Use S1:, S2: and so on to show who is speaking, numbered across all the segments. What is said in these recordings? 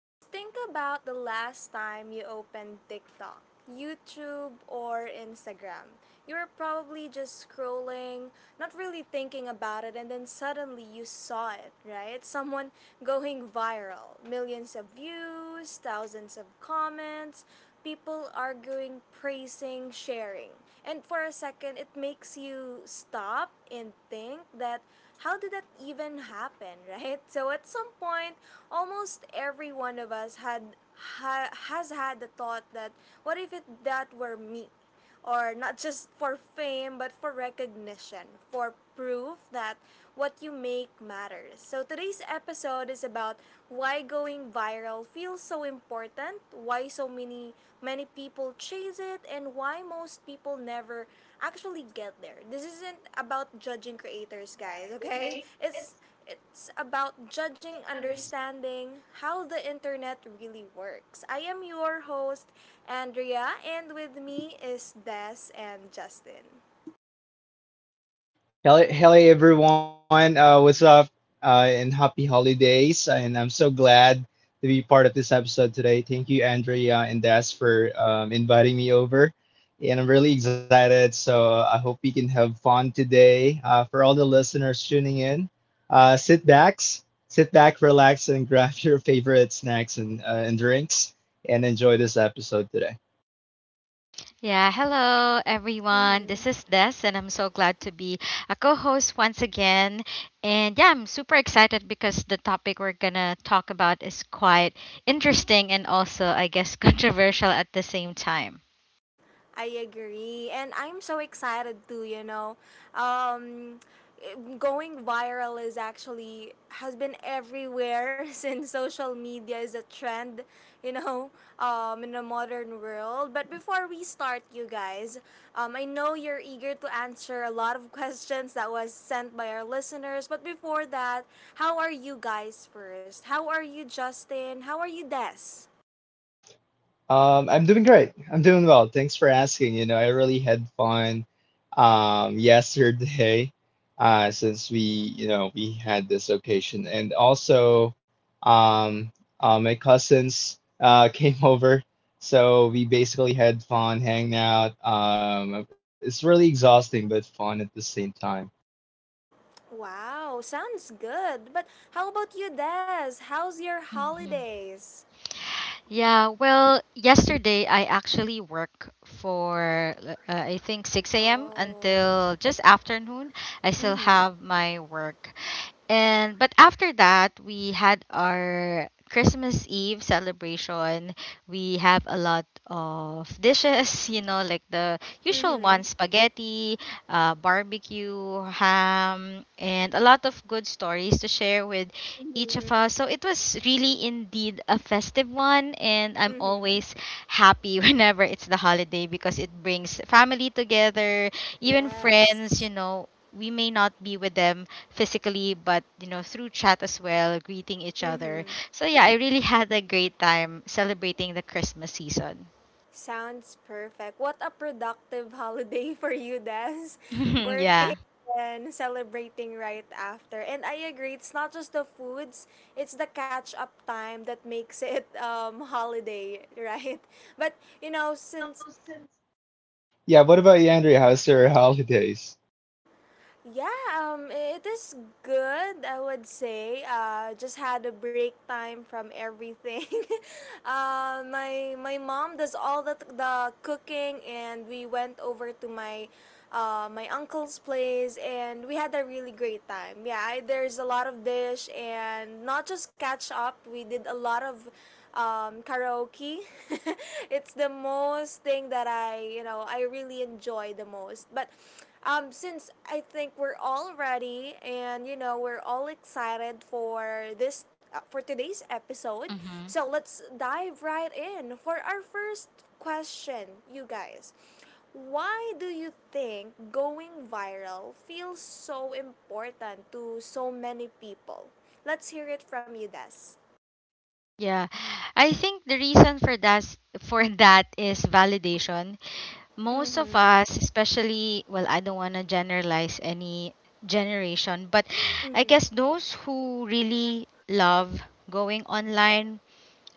S1: Just think about the last time you opened TikTok, YouTube, or Instagram. You were probably just scrolling, not really thinking about it, and then suddenly you saw it, right? Someone going viral. Millions of views, thousands of comments, people arguing, praising, sharing. And for a second, it makes you stop and think that how did that even happen, right? So at some point, almost every one of us had has had the thought that what if it that were me? Or not just for fame, but for recognition, for proof that what you make matters. So today's episode is about why going viral feels so important, why so many people chase it, and why most people never actually get there. This isn't about judging creators, guys, okay? It's about understanding how the internet really works. I am your host, Andrea, and with me is Des and Justin.
S2: Hello, hello everyone. What's up? And happy holidays. And I'm so glad to be part of this episode today. Thank you, Andrea and Des, for inviting me over. And I'm really excited. So I hope we can have fun today. For all the listeners tuning in, uh, sit back, sit back, relax, and grab your favorite snacks and drinks and enjoy this episode today.
S3: Yeah, hello everyone. This is Des, and I'm so glad to be a co host once again. And yeah, I'm super excited because the topic we're gonna talk about is quite interesting and also, I guess, controversial at the same time.
S1: I agree. And I'm so excited too, you know. Um, going viral is actually has been everywhere since social media is a trend, you know, in the modern world. But before we start, you guys, I know you're eager to answer a lot of questions that was sent by our listeners. But before that, how are you guys first? How are you, Justin? How are you, Des?
S2: I'm doing great. I'm doing well. Thanks for asking. You know, I really had fun yesterday since we had this occasion and also um my cousins came over. So we basically had fun hanging out. It's really exhausting but fun at the same time.
S1: Wow, sounds good. But how about you, Des? How's your
S3: Mhm.
S1: holidays?
S3: Yeah, well, yesterday I actually work for I think 6 a.m.
S1: Oh.
S3: until just afternoon. I still
S1: Mm-hmm.
S3: have my work. And but after that, we had our Christmas Eve celebration. We have a lot of dishes, you know, like the usual
S1: Mm-hmm.
S3: ones: spaghetti, barbecue, ham, and a lot of good stories to share with each
S1: Mm-hmm.
S3: of us. So it was really indeed a festive one, and I'm
S1: Mm-hmm.
S3: always happy whenever it's the holiday because it brings family together, even friends,
S1: Yes.
S3: you know. We may not be with them physically, but you know, through chat as well, greeting each other.
S1: Mm-hmm.
S3: So yeah, I really had a great time celebrating the Christmas season.
S1: Sounds perfect. What a productive holiday for you, Des. Working
S3: Yeah.
S1: and celebrating right after. And I agree, it's not just the foods, it's the catch-up time that makes it holiday, right? But you know, since
S2: Yeah, what about you, Andrea? How's your holidays?
S1: yeah, it is good, I would say. Just had a break time from everything. My mom does all the cooking, and we went over to my my uncle's place, and we had a really great time. Yeah, there's a lot of dish, and not just catch up. We did a lot of karaoke. It's the most thing that I, you know, I really enjoy the most. But since I think we're all ready and, you know, we're all excited for for today's episode,
S3: Hmm.
S1: so let's dive right in for our first question, you guys. Why do you think going viral feels so important to so many people? Let's hear it from you, Des.
S3: Yeah. I think the reason for that for that is validation. Most of us, especially, well, I don't want to generalize any generation, but I guess those who really love going online.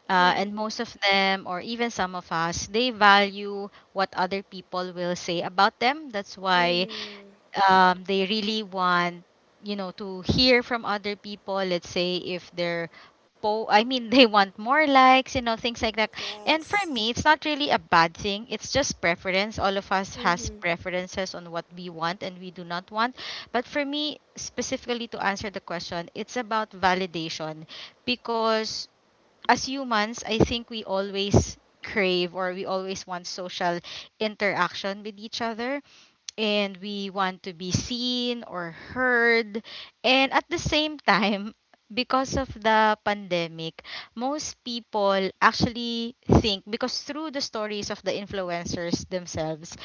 S3: And
S1: Mm-hmm.
S3: most of them, or even some of us, they value what other people will say about them. That's why
S1: Mm-hmm.
S3: they really want, you know, to hear from other people. Let's say if they're po I mean, they want more likes, you know, things like that. And for
S1: Yes.
S3: me, it's not really a bad thing. It's just preference. All of us has
S1: Mm-hmm.
S3: preferences on what we want and we do not want. But for me, specifically to answer the question, it's about validation because as humans, I think we always crave or we always want social interaction with each other, and we want to be seen or heard. And at the same time, because of the pandemic, most people actually think, because through the stories of the influencers themselves,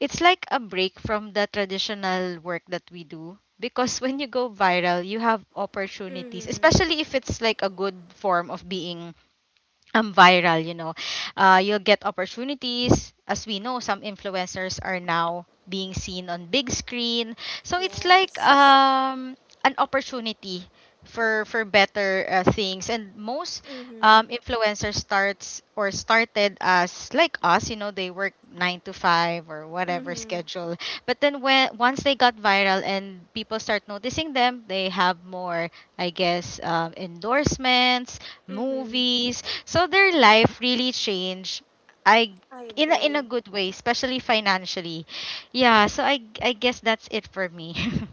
S3: it's like a break from the traditional work that we do, because when you go viral you have opportunities,
S1: Mm-hmm.
S3: especially if it's like a good form of being viral, you know. You'll get opportunities. As we know, some influencers are now being seen on big screen. So it's like
S1: Yes.
S3: an opportunity for better things. And most
S1: Mm-hmm.
S3: influencers starts or started as like us, you know, they work 9 to 5 or whatever
S1: Mm-hmm.
S3: schedule. But then, when once they got viral and people start noticing them, they have more, I guess, endorsements,
S1: Mm-hmm.
S3: movies. So their life really changed. I
S1: I
S3: In a, in
S1: agree.
S3: a good way, especially financially. Yeah, so I guess that's it for me.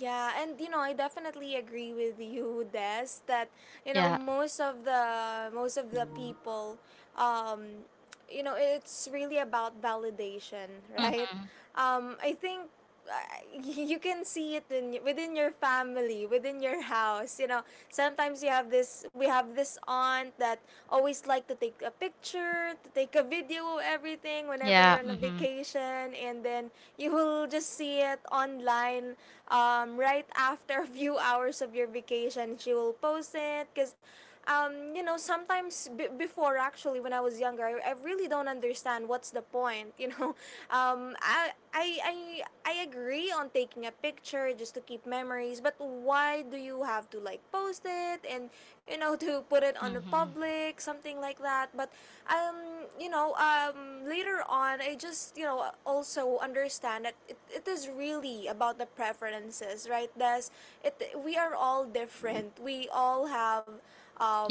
S1: Yeah, and you know, I definitely agree with you, Des, that you know
S3: Yeah.
S1: most of the people, um, you know, it's really about validation, right?
S3: Mhm.
S1: I think uh, you can see it in within your family, within your house. You know, sometimes you have this. We have this aunt that always like to take a picture, to take a video, of everything whenever
S3: Yeah,
S1: you're on a
S3: mhm.
S1: vacation, and then you'll just see it online right after a few hours of your vacation. She will post it because, you know, sometimes before actually when I was younger, I really don't understand what's the point. You know, um, I, I I agree on taking a picture just to keep memories, but why do you have to like post it and you know to put it on the
S3: Mhm.
S1: public something like that? But you know, later on I just, you know, also understand that it is really about the preferences, right? We are all different. We all have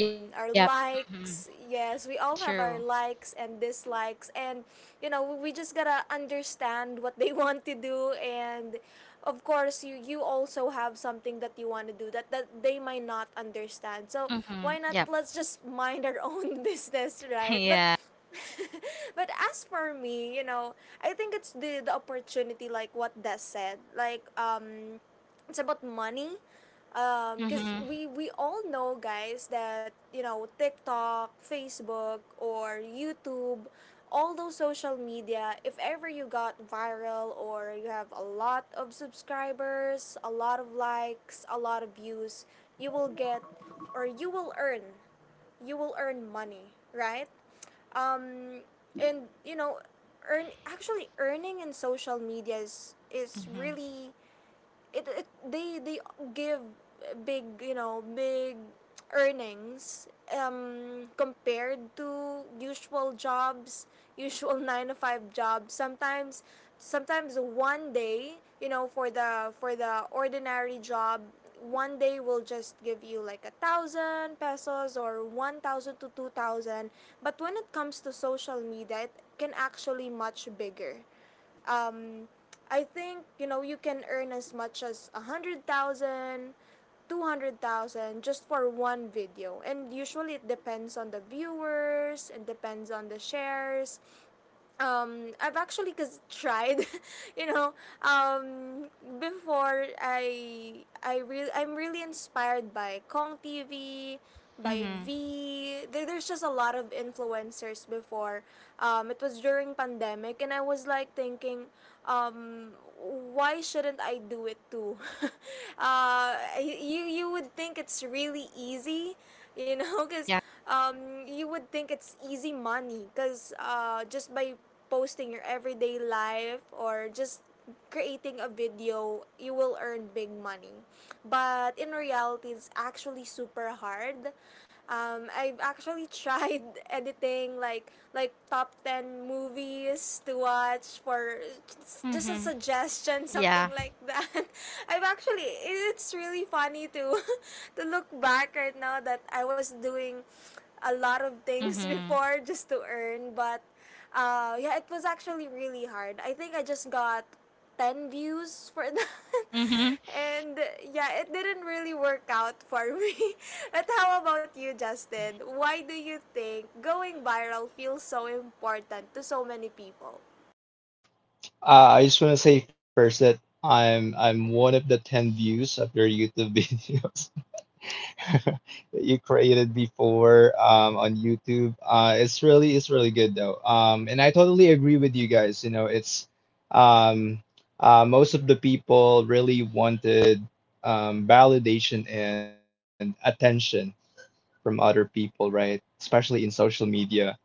S3: Yep.
S1: our
S3: Mhm.
S1: likes. Yes, we all
S3: True.
S1: have our likes and dislikes. And, you know, we just gotta understand what they want to do. And, of course, you also have something that you want to do that, that they might not understand. So, why
S3: Mhm.
S1: not
S3: Yep.
S1: let's just mind our own business, right? But
S3: Yeah.
S1: but as for me, you know, I think it's the opportunity like what Des said. Like it's about money. Cuz
S3: Mhm.
S1: we all know, guys, that, you know, TikTok, Facebook or YouTube, all those social media, if ever you got viral or you have a lot of subscribers, a lot of likes, a lot of views, you will get you will earn money, right? um, and you know, earning in social media is
S3: Mhm.
S1: really it, it they give big, you know, big earnings compared to usual jobs, usual 9 to 5 jobs. Sometimes one day, you know, for the ordinary job, one day will just give you like a thousand pesos or 1,000 to 2,000, but when it comes to social media it can actually much bigger. um, I think, you know, you can earn as much as 100,000, 200,000 just for one video, and usually it depends on the viewers. It depends on the shares. I've actually cause Tried you know um before I really I'm really inspired by Kong TV by
S3: Mhm.
S1: V. There's just a lot of influencers before. It was during pandemic and I was like thinking, why shouldn't I do it too? uh you you would think it's really easy, you know,
S3: Mhm.
S1: because
S3: Yeah.
S1: you would think it's easy money because just by posting your everyday life or just creating a video you will earn big money, but in reality it's actually super hard. I've actually tried editing like top 10 movies to watch for just a
S3: Mhm.
S1: suggestion, something
S3: Yeah.
S1: like that. I've actually, it's really funny to to look back right now that I was doing a lot of things
S3: Mhm.
S1: before just to earn, but yeah, it was actually really hard. I think I just got 10 views for that.
S3: Mhm.
S1: And yeah, it didn't really work out for me. But how about you,
S3: Mhm.
S1: Justin? Why do you think going viral feels so important to so many people?
S2: Uh, I just want to say first that I'm one of the 10 views of your YouTube videos. That you created before on YouTube. Uh, it's really good though. And I totally agree with you guys. You know, it's um, most of the people really wanted validation and attention from other people, right? Especially in social media.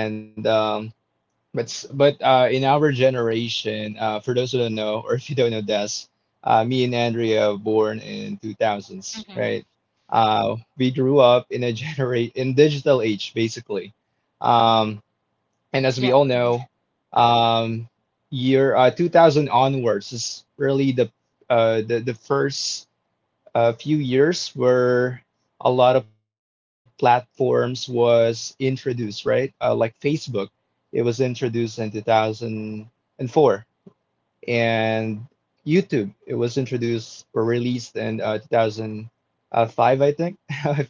S2: And but s- but in our generation, for those who don't know, or if you don't know Des, me and Andrea born in 2000s,
S3: Mhm.
S2: right? We grew up in a generate in digital age, basically. Um, and as we
S3: Yep.
S2: all know,
S3: Mhm.
S2: um, year 2000 onwards is really the first a few years where a lot of platforms was introduced, right? Like Facebook, it was introduced in 2004, and four, and YouTube, it was introduced or released in 2005, I think, if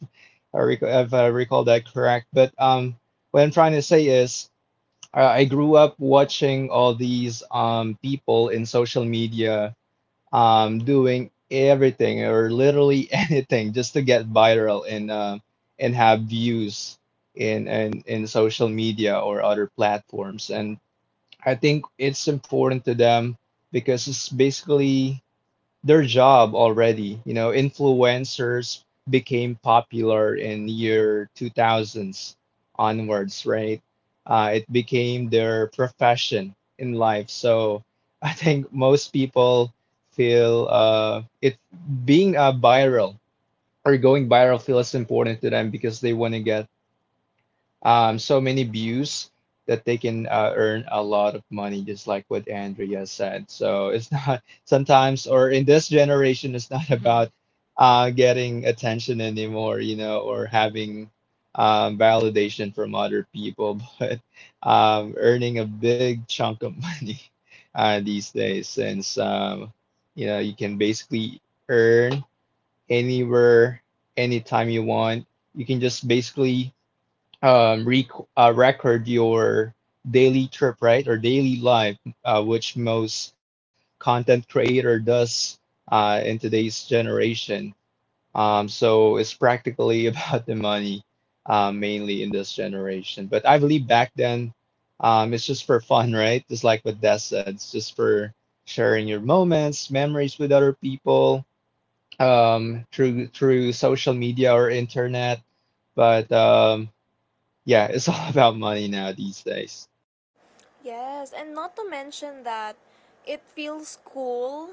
S2: I, rec- if I recall that correct. But what I'm trying to say is, I grew up watching all these people in social media doing everything or literally anything just to get viral and have views in social media or other platforms. And I think it's important to them because it's basically their job already. You know, influencers became popular in year 2000s onwards, right? It became their profession in life. So I think most people feel it being a viral or going viral feels important to them because they want to get so many views that they can earn a lot of money, just like what Andrea said. So it's not sometimes, or in this generation, it's not
S3: Mhm.
S2: about getting attention anymore, you know, or having validation from other people, but earning a big chunk of money these days, since you know you can basically earn anywhere, anytime you want. You can just basically record your daily trip, right, or daily life, which most content creator does in today's generation. So it's practically about the money, mainly in this generation. But I believe back then, it's just for fun, right? Just like what Des said, it's just for sharing your moments, memories with other people through social media or internet. But yeah, it's all about money now these days.
S1: Yes, and not to mention that it feels cool,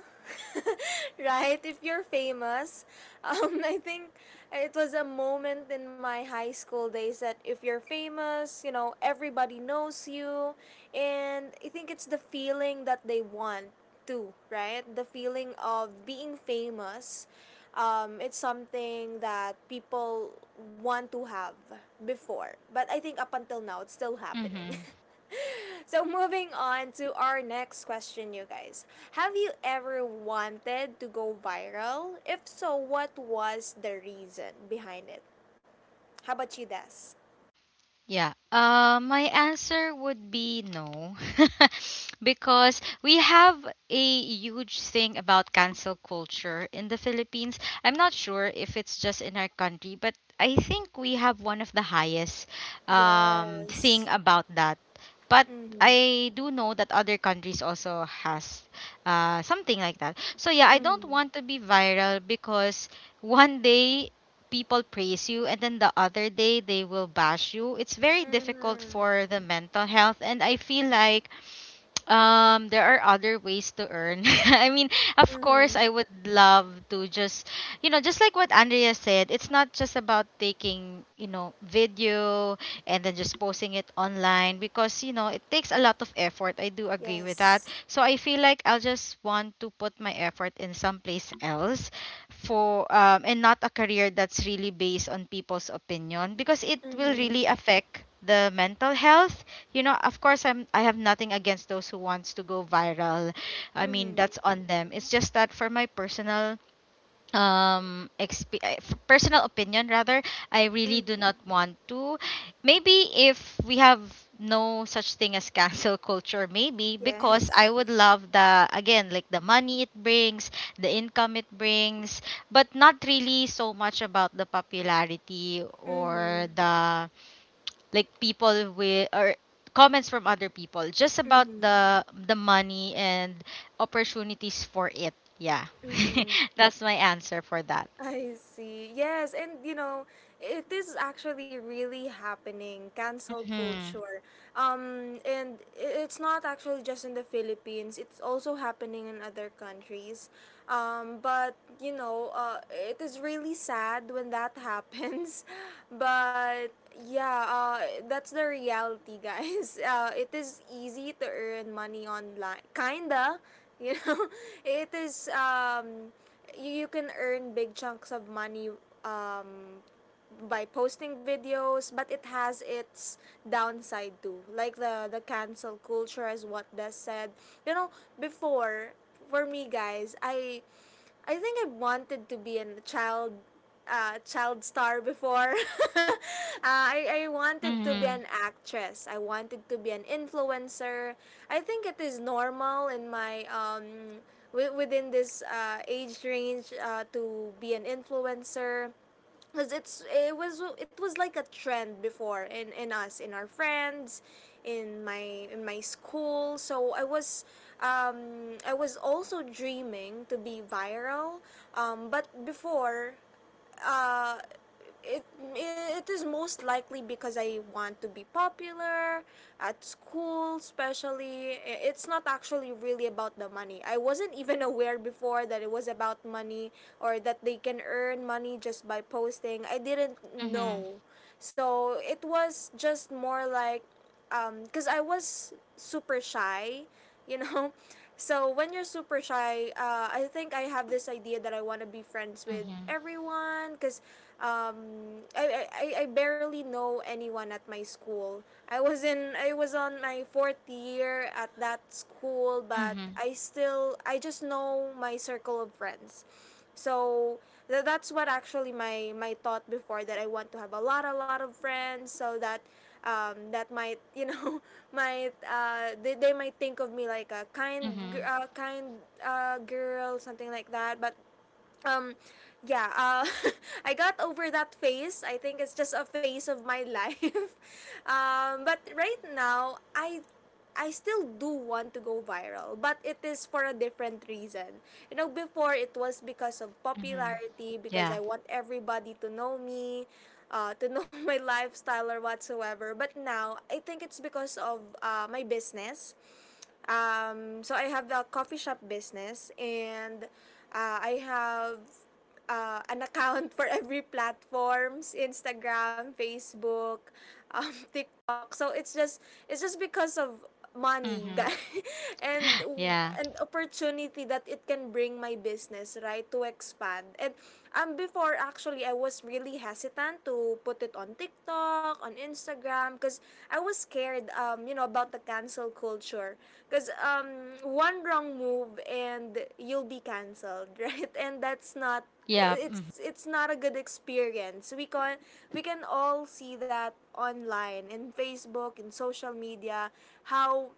S1: right? If you're famous. I think it was a moment in my high school days that if you're famous, you know, everybody knows you. And I think it's the feeling that they want too, right? The feeling of being famous. It's something that people want to have before. But I think up until now, it's still happening.
S3: Mhm.
S1: So moving on to our next question, you guys. Have you ever wanted to go viral? If so, what was the reason behind it? How about you, Des?
S3: Yeah. My answer would be no. Because we have a huge thing about cancel culture in the Philippines. I'm not sure if it's just in our country, but I think we have one of the highest thing
S1: Yes.
S3: about that. But
S1: Mm-hmm.
S3: I do know that other countries also has something like that. So yeah, I don't
S1: Mm-hmm.
S3: want to be viral because one day people praise you and then the other day they will bash you. It's very difficult
S1: Mm-hmm.
S3: for the mental health, and I feel like there are other ways to earn. I mean, of course, I
S1: Mm-hmm.
S3: would love to just, you know, just like what Andrea said, it's not just about taking, you know, video and then just posting it online, because, you know, it takes a lot of effort. I do agree with
S1: Yes.
S3: that. So I feel like I'll just want to put my effort in someplace else for, and not a career that's really based on people's opinion, because it will
S1: Mm-hmm.
S3: really affect the mental health. You know, of course, I have nothing against those who wants to go viral. I mean,
S1: Mm-hmm.
S3: that's on them. It's just that for my personal opinion rather, I really do
S1: Mm-hmm.
S3: not want to. Maybe if we have no such thing as cancel culture, maybe, because
S1: Yes.
S3: I would love, the again, like, the money it brings, the income it brings, but not really so much about the popularity
S1: Mm-hmm.
S3: or the, like people with or comments from other people, just about
S1: Mm-hmm.
S3: the money and opportunities for it. Yeah.
S1: Mm-hmm.
S3: That's my answer for that.
S1: I see. Yes, and you know, it is actually really happening, cancel
S3: Mhm.
S1: culture. And it's not actually just in the Philippines, it's also happening in other countries. But you know, it is really sad when that happens. But yeah, that's the reality, guys. It is easy to earn money online, kinda. You know, it is you can earn big chunks of money um by posting videos, but it has its downside too. Like the cancel culture is what Des said. You know, before for me, guys, I think I wanted to be a child child star before. uh, I wanted to be an
S3: Mhm.
S1: actress. I wanted to be an influencer. I think it is normal in my within this age range to be an influencer because it was like a trend before in our friends, in my school, so I was also dreaming to be viral. But before uh, it it is most likely because I want to be popular at school, especially. It's not actually really about the money. I wasn't even aware before that it was about money or that they can earn money just by posting. I didn't
S3: Mhm.
S1: know. So it was just more like because I was super shy, you know. So when you're super shy, I think I have this idea that I want to be friends with
S3: Mhm.
S1: everyone because I barely know anyone at my school. I was on my fourth year at that school, but
S3: Mhm.
S1: I just know my circle of friends. So that's what actually my thought before. That I want to have a lot of friends so that, that might, might, they might think of me like a kind
S3: Mhm.
S1: kind, girl, something like that. But um yeah uh I got over that phase. I think it's just a phase of my life. But right now, I still do want to go viral, but it is for a different reason. You know, before it was because of
S3: Mhm.
S1: popularity, because
S3: Yeah.
S1: I want everybody to know me, to know my lifestyle or whatsoever. But now, I think it's because of my business. So I have the coffee shop business, and I have an account for every platforms: Instagram, Facebook, TikTok. So it's just because of money,
S3: Mhm.
S1: guys, and
S3: Yeah.
S1: an opportunity that it can bring my business, right, to expand. And before actually, I was really hesitant to put it on TikTok, on Instagram, because I was scared, you know, about the cancel culture. Because One wrong move and you'll be canceled, right? And that's not,
S3: Yeah. Mhm.
S1: it's not a good experience. We can all see that online, in Facebook, in social media, how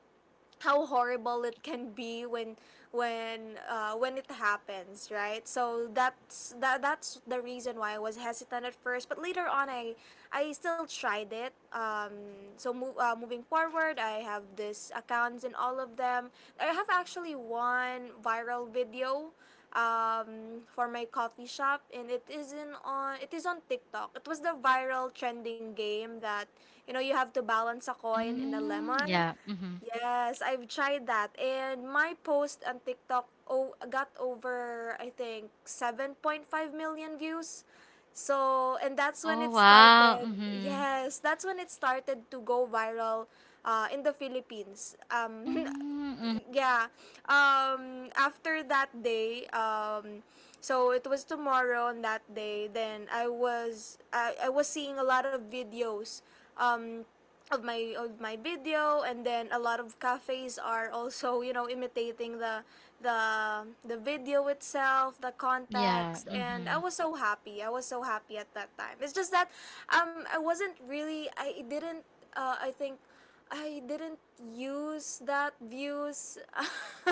S1: how horrible it can be when, when it happens, right? So that's the reason why I was hesitant at first, but later on, I still tried it. Moving forward, I have this accounts in all of them. I have actually one viral video, for my coffee shop, and it isn't on it is on TikTok. It was the viral trending game that, you know, you have to balance a coin in a
S3: Mm,
S1: lemon.
S3: yeah. Mhm.
S1: Yes, I've tried that. And my post on TikTok got over, I think, 7.5 million views. So, and that's when
S3: Oh,
S1: it
S3: wow.
S1: started.
S3: Mhm.
S1: Yes, that's when it started to go viral in the Philippines.
S3: Mm, mhm.
S1: Yeah. After that day, so it was tomorrow on that day. Then I was seeing a lot of videos. Um, of my video, and then a lot of cafes are also you know imitating the, the video itself, the
S3: Yeah.
S1: context. And I
S3: Mhm.
S1: was so happy, I was so happy at that time. It's just that, I wasn't really I didn't I think I didn't use that views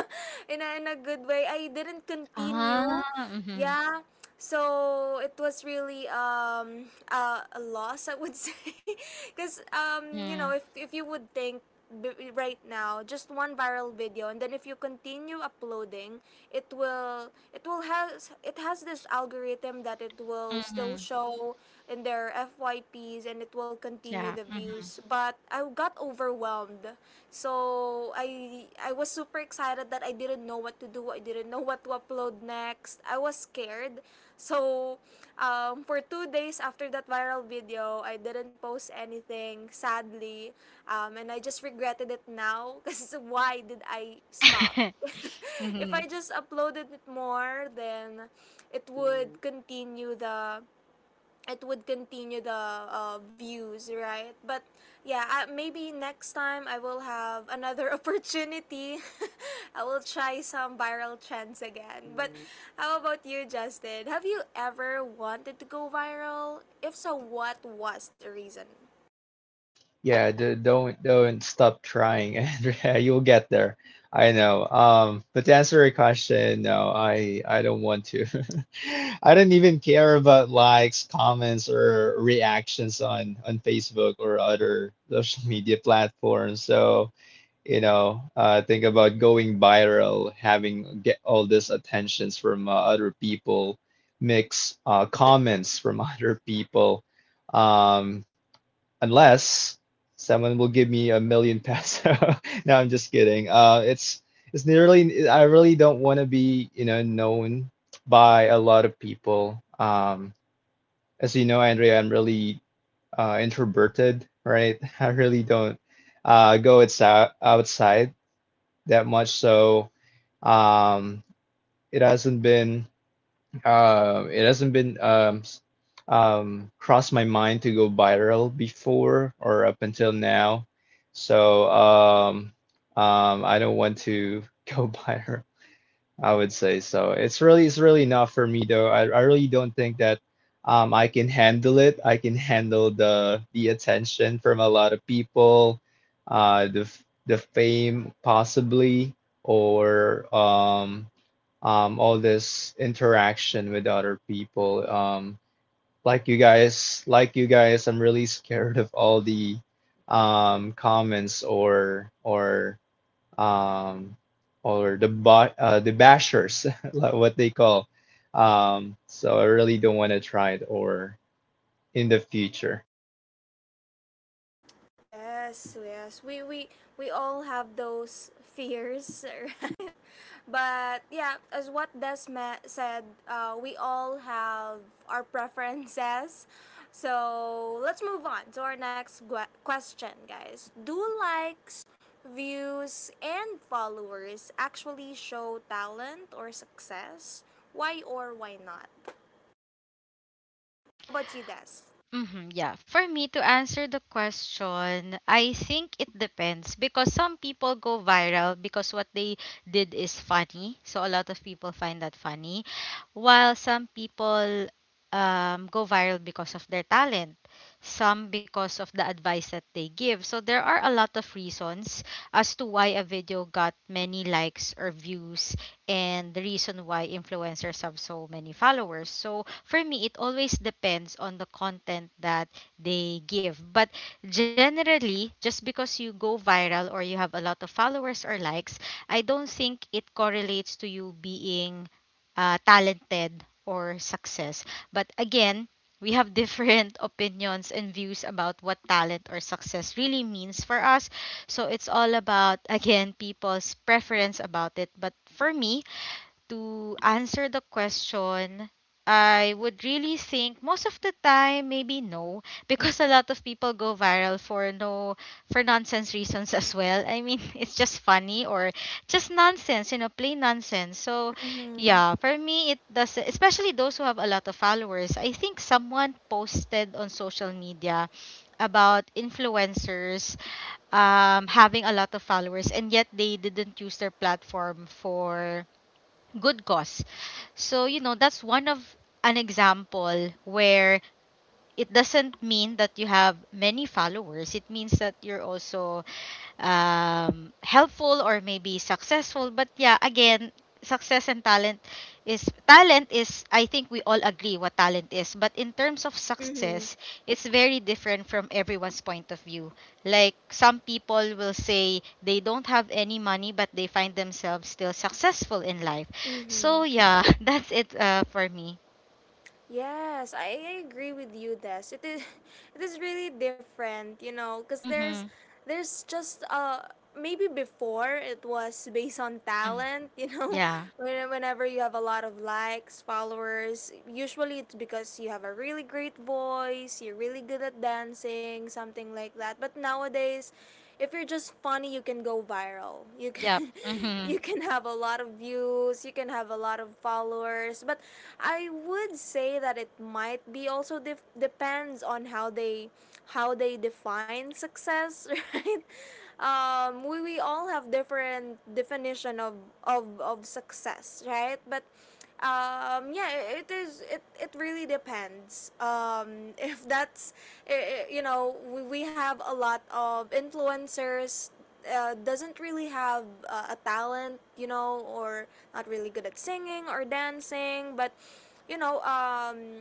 S1: in a good way. I didn't continue.
S3: Ah. Mhm.
S1: Yeah. So it was really, a loss, I would say. Because, you know,
S3: Mhm.
S1: if you would think, right now, just one viral video, and then if you continue uploading, it has this algorithm that it will still
S3: Mhm.
S1: show in their FYPs, and it will continue
S3: Yeah.
S1: the
S3: Mhm.
S1: views. But I got overwhelmed, so I was super excited that I didn't know what to do. I didn't know what to upload next. I was scared. So, for 2 days after that viral video, I didn't post anything, sadly. And I just regretted it now, because why did I stop? If
S3: Mm-hmm.
S1: I just uploaded it more, then it would continue the, views, right? But yeah, I, maybe next time I will have another opportunity. I will try some viral trends again. Mm. But how about you, Justin? Have you ever wanted to go viral? If so, what was the reason?
S2: Yeah, don't stop trying, Andrea. You'll get there. I know. But to answer your question, no, I don't want to. I don't even care about likes, comments, or reactions on Facebook or other social media platforms. So you know think about going viral having get all this attentions from other people mix comments from other people, um, unless someone will give me a million peso. No, I'm just kidding. It's nearly I really don't want to be, you know, known by a lot of people. As you know, Andrea, I'm really introverted, right? I really don't go outside that much. So um, it hasn't been it hasn't been crossed my mind to go viral before or up until now. So I don't want to go viral. I would say so. It's really not for me though. I really don't think that I can handle it. I can handle the attention from a lot of people, the the fame possibly or all this interaction with other people. Like you guys, I'm really scared of all the comments um, or the the bashers, like what they call. So I really don't want to try it or in the future.
S1: Yes, yes. We we all have those fears. But yeah, as what Des said, we all have our preferences. So let's move on to our next question, guys. Do likes, views, and followers actually show talent or success? Why or why not? How about you, Des?
S3: Mm-hmm, yeah. For me to answer the question, I think it depends, because some people go viral because what they did is funny. So a lot of people find that funny, while some people go viral because of their talent, some because of the advice that they give. So there are a lot of reasons as to why a video got many likes or views, and the reason why influencers have so many followers. So for me, it always depends on the content that they give. But generally, just because you go viral or you have a lot of followers or likes, I don't think it correlates to you being talented or success. But again, we have different opinions and views about what talent or success really means for us. So it's all about, again, people's preference about it. But for me, to answer the question, I would really think most of the time maybe no, because a lot of people go viral for no for nonsense reasons as well. I mean, it's just funny or just nonsense, you know, plain nonsense. So,
S1: Mm-hmm.
S3: yeah, for me it does, especially those who have a lot of followers. I think someone posted on social media about influencers having a lot of followers and yet they didn't use their platform for good cause. So, you know, that's one of an example where it doesn't mean that you have many followers. It means that you're also helpful or maybe successful. But yeah, again, success and talent is, I think, we all agree what talent is. But in terms of
S1: Mm-hmm.
S3: success, it's very different from everyone's point of view. Like some people will say they don't have any money, but they find themselves still successful in life. So yeah, that's it for me.
S1: Yes, I agree with you, Des. It is it is really different, you know, because there's
S3: Mm-hmm.
S1: there's just uh, maybe before it was based on
S3: Mm.
S1: talent, you know,
S3: Yeah.
S1: whenever you have a lot of likes, followers, usually it's because you have a really great voice, you're really good at dancing, something like that. But nowadays, if you're just funny, you can go viral. You
S3: Yep.
S1: can you
S3: Mm-hmm.
S1: can have a lot of views, you can have a lot of followers. But I would say that it might be also depends on how they, how they define success, right? We all have different definition of, of success, right? But um yeah it is, it really depends, um. If that's, eh, eh, you know, we have a lot of influencers, doesn't really have, a talent, you know, or not really good at singing or dancing. But, you know, um,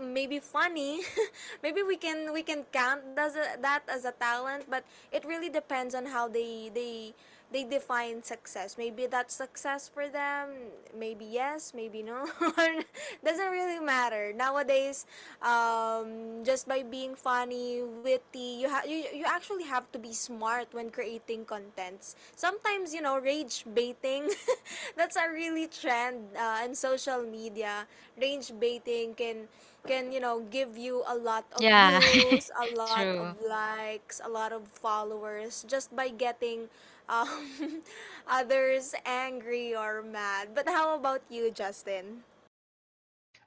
S1: maybe funny. Maybe we can count as a, that as a talent. But it really depends on how they define success. Maybe that's success for them, maybe yes, maybe no. Doesn't really matter nowadays. Just by being funny, witty, you, you actually have to be smart when creating contents. Sometimes, you know, rage baiting, that's a really trend, in social media. Rage baiting can you know give you a lot of
S3: Yeah.
S1: views, a lot of
S3: True.
S1: likes, a lot of followers, just by getting, um, others angry or mad. But how about you, Justin?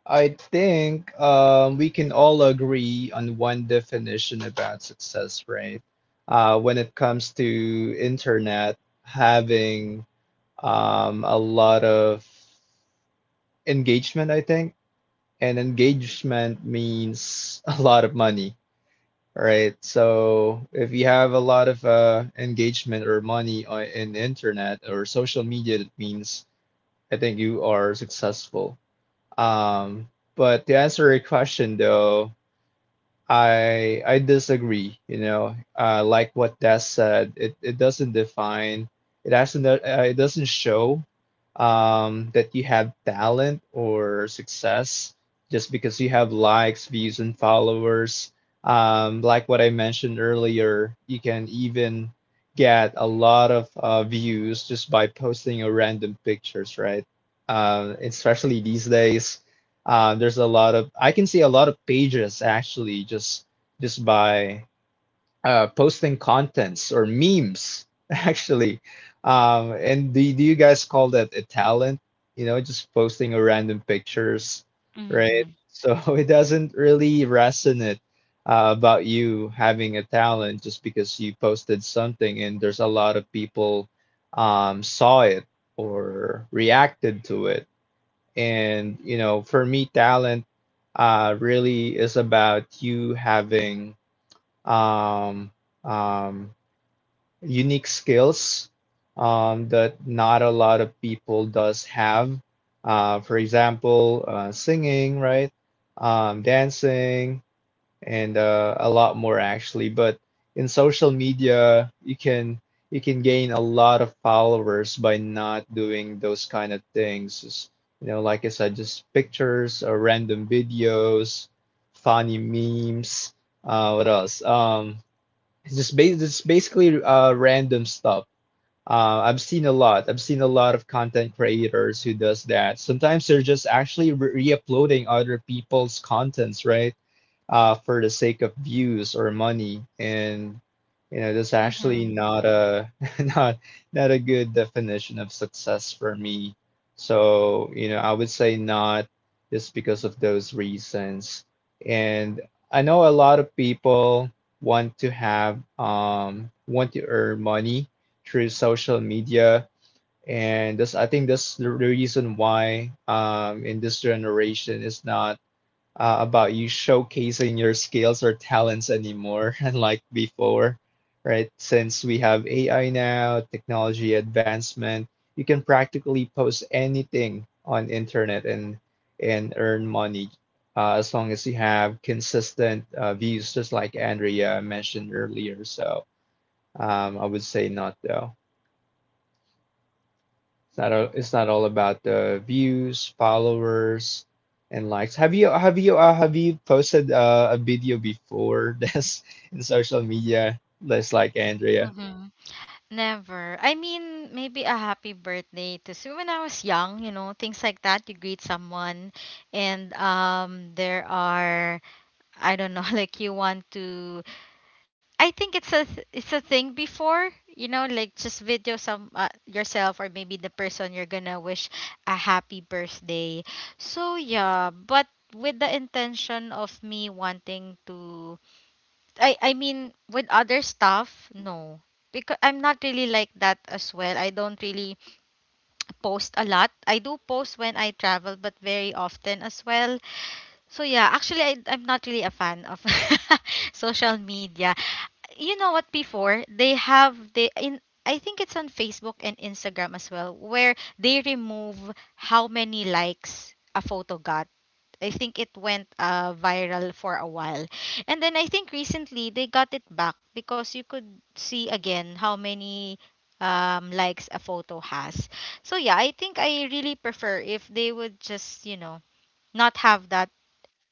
S2: I think we can all agree on one definition about success, right? When it comes to internet, having a lot of engagement, I think, and engagement means a lot of money. All right. So if you have a lot of engagement or money in internet or social media, that means I think you are successful. Um, but to answer your question though, I disagree. You know, like what Des said, it doesn't define, it doesn't uh, it doesn't show that you have talent or success just because you have likes, views, and followers. Like what I mentioned earlier, you can even get a lot of views just by posting a random pictures, right? Especially these days there's a lot of I can see a lot of pages actually just by posting contents or memes actually. And do you guys call that a talent? You know, just posting a random pictures, right?
S3: Mm-hmm.
S2: So it doesn't really resonate about you having a talent just because you posted something and there's a lot of people saw it or reacted to it. And, you know, for me, talent really is about you having um, um, unique skills that not a lot of people does have. For example, singing, right? Dancing, and a lot more actually. But in social media, you can gain a lot of followers by not doing those kind of things. Just, you know, like I said, just pictures or random videos, funny memes. What else? It's basically random stuff. I've seen a lot of content creators who does that. Sometimes they're just actually re-uploading other people's contents, right? For the sake of views or money, and you know that's actually
S3: Mm-hmm.
S2: not a not not a good definition of success for me. So you know I would say not, just because of those reasons. And I know a lot of people want to earn money through social media, and this I think that's the reason why in this generation is not about you showcasing your skills or talents anymore, unlike before, right? Since we have AI now, technology advancement, you can practically post anything on internet and earn money as long as you have consistent views, just like Andrea mentioned earlier. So I would say not though. It's not all about the views, followers, and likes. Have you posted a video before this in social media? Just like Andrea.
S3: Mm-hmm. Never. I mean, maybe a happy birthday to so when I was young, you know, things like that. You greet someone, and there are, I don't know, like you want to. I think it's a thing before, you know, like just video some yourself or maybe the person you're gonna wish a happy birthday. So yeah, but with the intention of me wanting to, I mean, with other stuff, no. Because I'm not really like that as well. I don't really post a lot. I do post when I travel, but very often as well. So yeah, actually I'm not really a fan of social media. You know what, before, they, in, I think, it's on Facebook and Instagram as well, where they remove how many likes a photo got. I think it went viral for a while. And then I think recently they got it back, because you could see again how many likes a photo has. So yeah, I think I really prefer if they would just, you know, not have that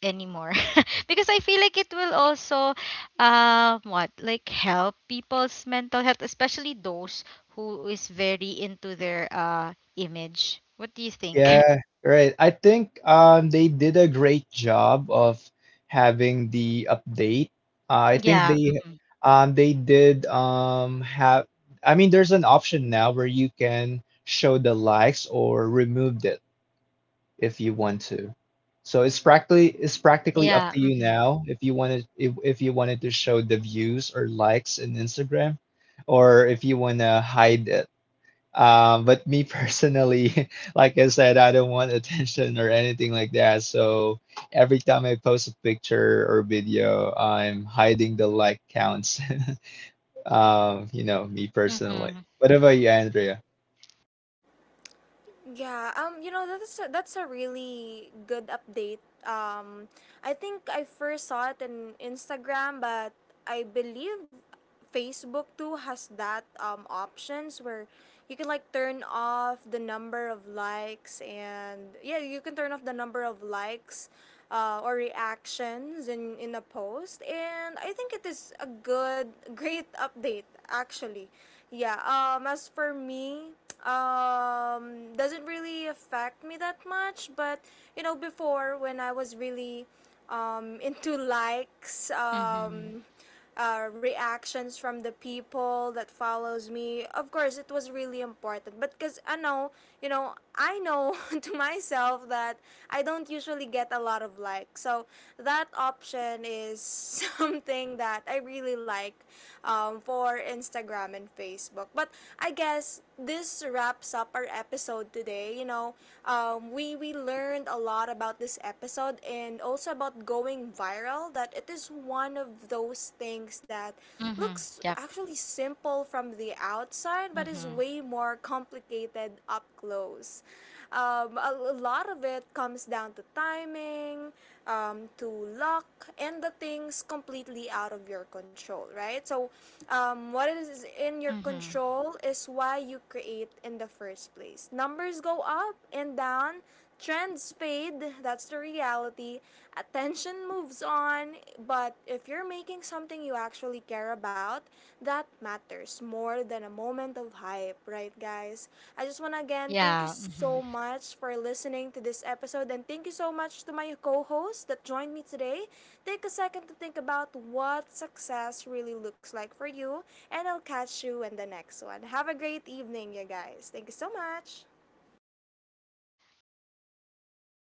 S3: anymore, because I feel like it will also, what like, help people's mental health, especially those who is very into their image. What do you think?
S2: Yeah, right. I think they did a great job of having the update. I think
S3: Yeah. Mhm.
S2: they did have I mean there's an option now where you can show the likes or remove the if you want to. So it's practically up to
S3: Yeah.
S2: you
S3: Mhm.
S2: now if you wanted to show the views or likes in Instagram or if you want to hide it. But me personally, like I said, I don't want attention or anything like that. So every time I post a picture or video, I'm hiding the like counts. You know, me personally.
S3: Mhm.
S2: What about you, Andrea?
S1: Yeah, you know, that's a really good update. I think I first saw it in Instagram, but I believe Facebook too has that, options where you can like turn off the number of likes. And yeah, you can turn off the number of likes, or reactions in a post. And I think it is a good great update, actually. Yeah, as for me, doesn't really affect me that much. But, you know, before, when I was really, into likes,
S3: Mhm.
S1: reactions from the people that follows me, of course it was really important. But because I know, you know, I know, to myself, that I don't usually get a lot of likes, so that option is something that I really like, for Instagram and Facebook. But I guess this wraps up our episode today. You know, we learned a lot about this episode, and also about going viral. That it is one of those things that
S3: Mhm.
S1: looks
S3: Yep.
S1: actually simple from the outside but is
S3: Mhm.
S1: way more complicated up close. A lot of it comes down to timing, to luck, and the things completely out of your control, right? So, what is in your
S3: Mhm.
S1: control is why you create in the first place. Numbers go up and down, trends fade, that's the reality. Attention moves on, but if you're making something you actually care about, that matters more than a moment of hype, right, guys? I just want to again thank you
S3: Yeah.
S1: so
S3: Mhm.
S1: much for listening to this episode, and thank you so much to my co host that joined me today. Take a second to think about what success really looks like for you, and I'll catch you in the next one. Have a great evening, you guys. Thank you so much.
S3: Bye.